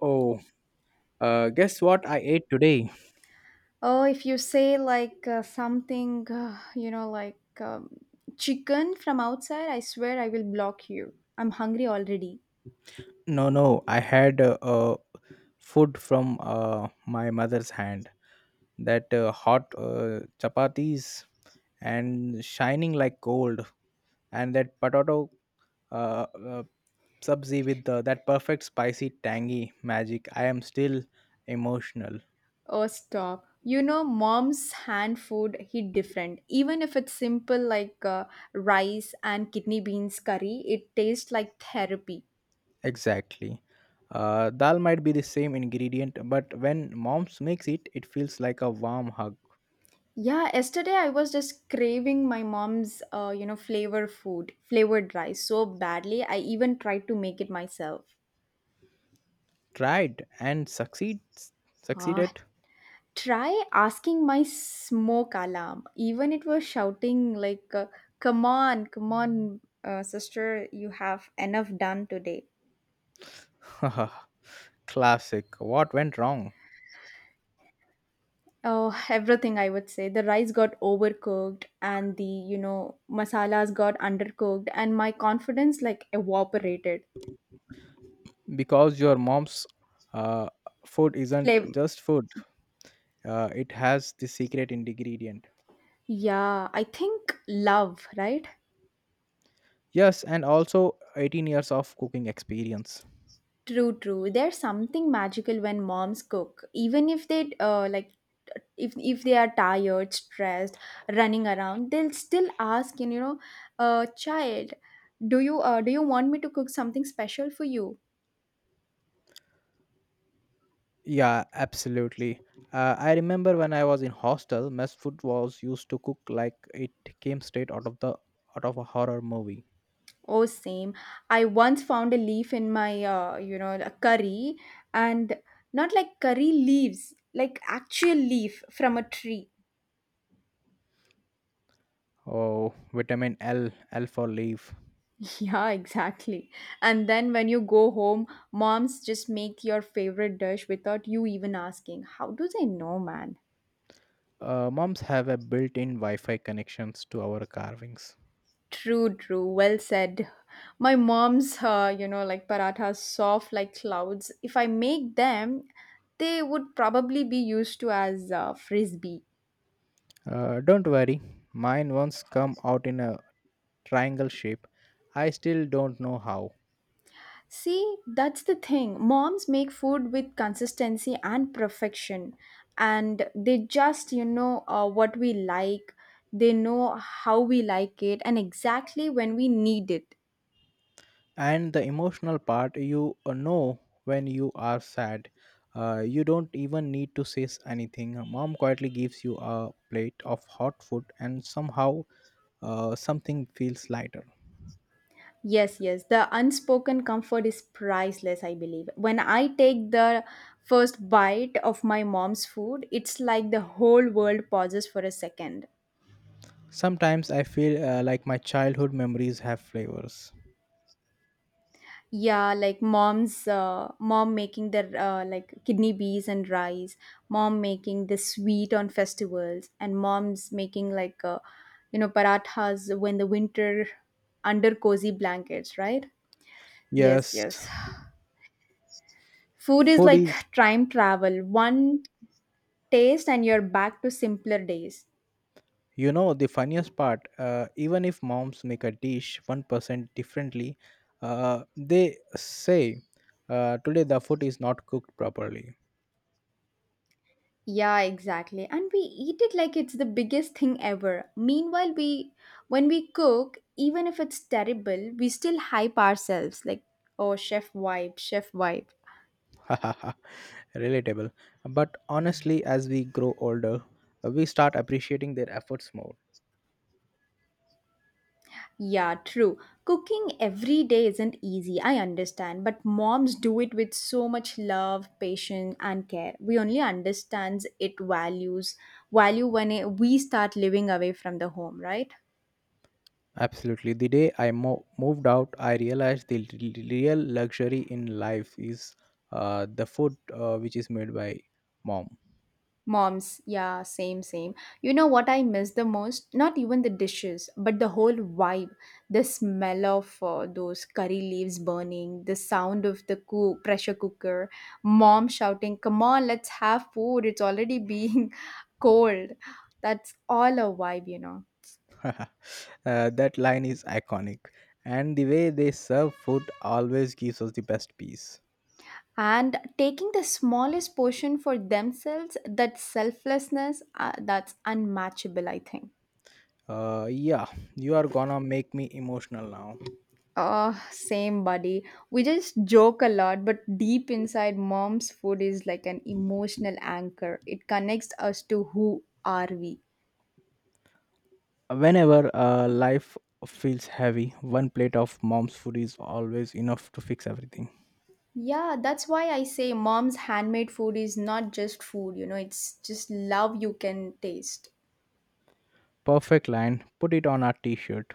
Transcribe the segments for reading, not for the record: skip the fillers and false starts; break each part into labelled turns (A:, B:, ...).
A: Oh, guess what I ate today?
B: Oh, if you say like something, chicken from outside, I swear I will block you. I'm hungry already.
A: No, no, I had food from my mother's hand. That hot chapatis and shining like gold, and that potato uh, uh, sabzi with that perfect spicy tangy magic. I am still emotional.
B: Oh, stop. You know, mom's hand food hit different. Even if it's simple like rice and kidney beans curry, it tastes like therapy.
A: Exactly. Dal might be the same ingredient, but when mom's makes it, it feels like a warm hug.
B: Yeah, yesterday I was just craving my mom's flavor food, flavored rice so badly. I even tried to make it myself.
A: Tried and succeeds
B: Ah,
A: Succeeded.
B: try asking my smoke alarm even it was shouting like come on, come on, sister, you have enough done today.
A: Classic, what went wrong?
B: Oh, everything, I would say the rice got overcooked and the, you know, masalas got undercooked and my confidence like evaporated.
A: Because your mom's uh, food isn't
B: Flame,
A: just food. It has the secret ingredient.
B: yeah, I think love, right?
A: Yes, and also 18 years of cooking experience.
B: True, true. There's something magical when moms cook, even if they like, if they are tired, stressed, running around, they'll still ask, you know, child, do you want me to cook something special for you?
A: Yeah, absolutely. I remember when I was in hostel, mess food was used to cook like it came straight out of the out of a horror movie.
B: Oh, same. I once found a leaf in my a curry, and not like curry leaves, like actual leaf from a tree.
A: Oh, vitamin L for leaf.
B: Yeah, exactly. And then when you go home, moms just make your favorite dish without you even asking. How do they know, man?
A: Moms have a built-in Wi-Fi connections to our carvings.
B: True, true. Well said. My mom's parathas, soft like clouds. If I make them, they would probably be used to as frisbee.
A: Don't worry, mine once come out in a triangle shape. I still don't know how.
B: See, that's the thing. Moms make food with consistency and perfection, and they just, you know, what we like, they know how we like it, and exactly when we need it.
A: And the emotional part, you know, when you are sad. You don't even need to say anything. Mom quietly gives you a plate of hot food, and somehow something feels lighter.
B: Yes, yes, the unspoken comfort is priceless, I believe. When I take the first bite of my mom's food, it's like the whole world pauses for a second.
A: Sometimes I feel like my childhood memories have flavors.
B: Yeah, like mom making their like kidney beans and rice, mom making the sweet on festivals, and mom's making like parathas when the winter under cozy blankets, right? Yes,
A: Yes,
B: yes. Food is
A: food
B: like
A: is.
B: time travel, one taste and you're back to simpler days.
A: You know, the funniest part, even if moms make a dish 1% differently, they say, today the food is not cooked properly.
B: Yeah, exactly. And we eat it like it's the biggest thing ever. Meanwhile, we when we cook, even if it's terrible, we still hype ourselves like, oh, chef vibe, chef vibe.
A: Relatable. But honestly, as we grow older, we start appreciating their efforts more.
B: Yeah, true. Cooking every day isn't easy, I understand, but moms do it with so much love, patience, and care. We only understands it value when we start living away from the home, right?
A: Absolutely. The day I moved out, I realized the real luxury in life is the food which is made by mom.
B: Moms, yeah, same, same. You know what I miss the most? Not even the dishes, but the whole vibe. The smell of those curry leaves burning, the sound of the pressure cooker, mom shouting, come on, let's have food. It's already being cold. That's all a vibe, you know.
A: That line is iconic, and the way they serve food always gives us the best piece.
B: And taking the smallest portion for themselves, that selflessness, that's unmatchable, I think.
A: Yeah, you are gonna make me emotional now.
B: Same, buddy. We just joke a lot, but deep inside, mom's food is like an emotional anchor. It connects us to who are we.
A: Whenever life feels heavy, one plate of mom's food is always enough to fix everything.
B: Yeah, that's why I say mom's handmade food is not just food, you know, it's just love you can taste.
A: Perfect line. Put it on a t-shirt.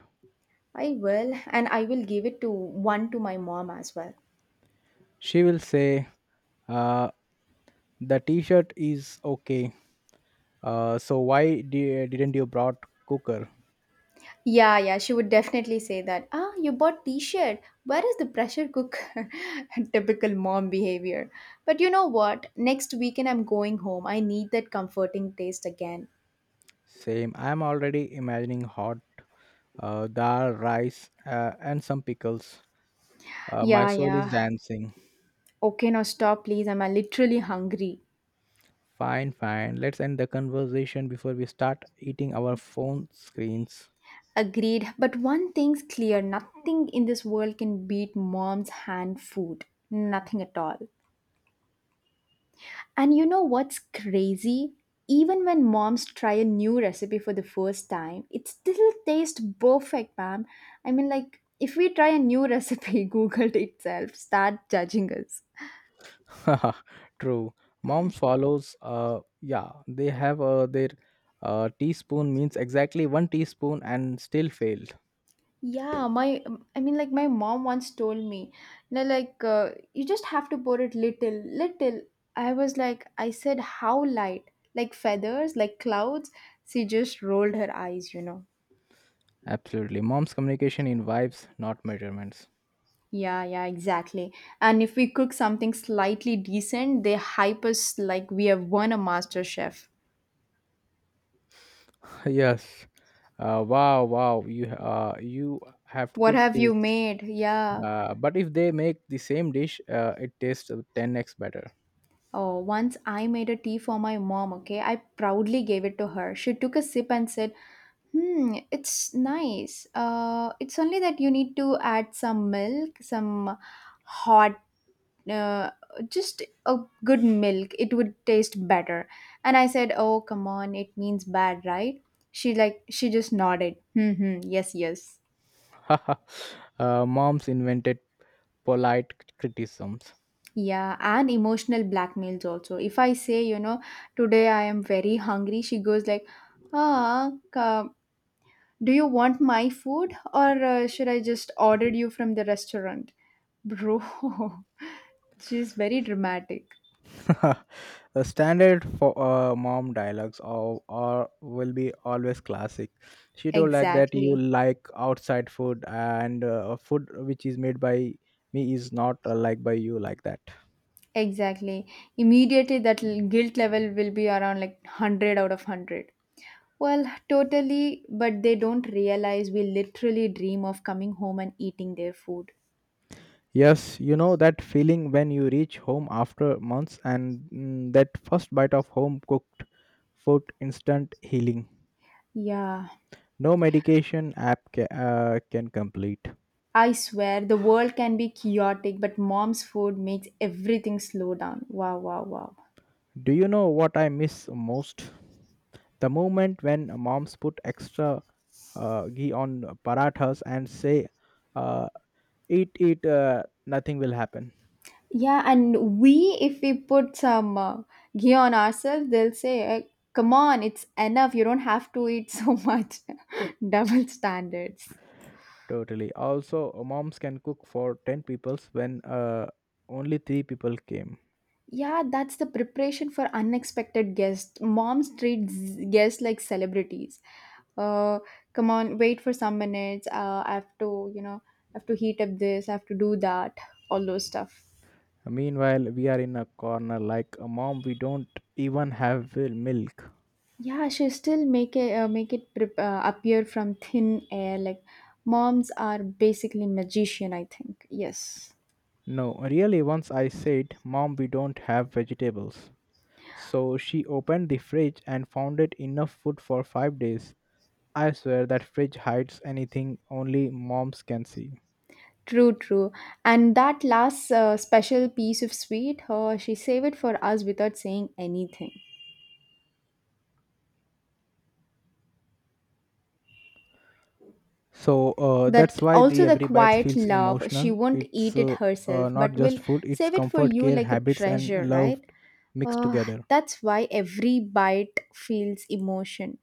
B: I will, and I will give it to one to my mom as well.
A: She will say, uh, "The t-shirt is okay. So why didn't you brought cooker?"
B: Yeah, yeah, she would definitely say that. Ah, you bought t-shirt. Where is the pressure cooker? Typical mom behavior. But you know what? Next weekend I'm going home. I need that comforting taste again.
A: Same. I'm already imagining hot dal, rice, and some pickles. My
B: Yeah,
A: soul is
B: yeah.
A: dancing.
B: Okay, now stop, please. I'm literally hungry.
A: Fine, fine. Let's end the conversation before we start eating our phone screens.
B: Agreed. But one thing's clear, nothing in this world can beat mom's hand food. Nothing at all. And you know what's crazy? Even when moms try a new recipe for the first time, it still tastes perfect, ma'am. I mean, like, if we try a new recipe, Google itself start judging us.
A: True. Moms follows. Yeah, they have their teaspoon means exactly one teaspoon and still failed.
B: Yeah, my, I mean, like, my mom once told me, you know, like, you just have to pour it little, little. I was like, I said, how light? Like feathers, like clouds. She just rolled her eyes, you know.
A: Absolutely. Mom's communication in vibes, not measurements.
B: Yeah, yeah, exactly. And if we cook something slightly decent, they hype us like we have won a master chef.
A: Yes. Wow, wow. You you have
B: What
A: cooked
B: have
A: this.
B: you made? Yeah.
A: But if they make the same dish, it tastes 10x better.
B: Oh, once I made a tea for my mom, okay? I proudly gave it to her. She took a sip and said, hmm, it's nice. It's only that you need to add some milk, some hot uh, just a good milk, it would taste better. And I said, oh, come on, it means bad, right? She, like, she just nodded, hmm, yes, yes.
A: Moms invented polite criticisms.
B: Yeah, and emotional blackmails also. If I say, you know, today I am very hungry, she goes like, ah, do you want my food, or should I just order you from the restaurant, bro? She's very dramatic.
A: The standard for mom dialogues or will be always classic. She told like that you
B: Exactly.
A: like outside food and food which is made by me is not liked by you, like that.
B: Exactly. Immediately, that guilt level will be around like 100 out of 100. Well, totally, but they don't realize we literally dream of coming home and eating their food.
A: Yes, you know that feeling when you reach home after months and that first bite of home cooked food, instant healing.
B: Yeah,
A: No medication app can complete.
B: I swear the world can be chaotic, but mom's food makes everything slow down. Wow, wow, wow.
A: Do you know what I miss most? The moment when moms put extra ghee on parathas and say, uh, eat, eat, nothing will happen.
B: Yeah, and we, if we put some ghee on ourselves, they'll say, eh, come on, it's enough. You don't have to eat so much. Double standards.
A: Totally. Also, moms can cook for 10 peoples when only 3 people came.
B: Yeah, that's the preparation for unexpected guests. Moms treat guests like celebrities. Uh, come on, wait for some minutes. I have to, you know, I have to heat up this. I have to do that. All those stuff.
A: Meanwhile, we are in a corner like a mom, we don't even have milk.
B: Yeah, she still make it prep appear from thin air. Like moms are basically magician, I think. Yes.
A: No, really, once I said, Mom, we don't have vegetables. So she opened the fridge and found it enough food for 5 days. I swear that fridge hides anything only moms can see.
B: True, true. And that last special piece of sweet, she saved it for us without saying anything.
A: So that's
B: That
A: why the
B: also the
A: Every Bite
B: quiet
A: feels
B: love, she
A: emotional.
B: won't
A: It's
B: eat it herself,
A: not
B: but will
A: just food, it's
B: save it for
A: comfort,
B: you
A: care,
B: like a
A: habits, and
B: treasure,
A: love
B: right?
A: mixed
B: Uh,
A: together.
B: that's why every bite feels emotion.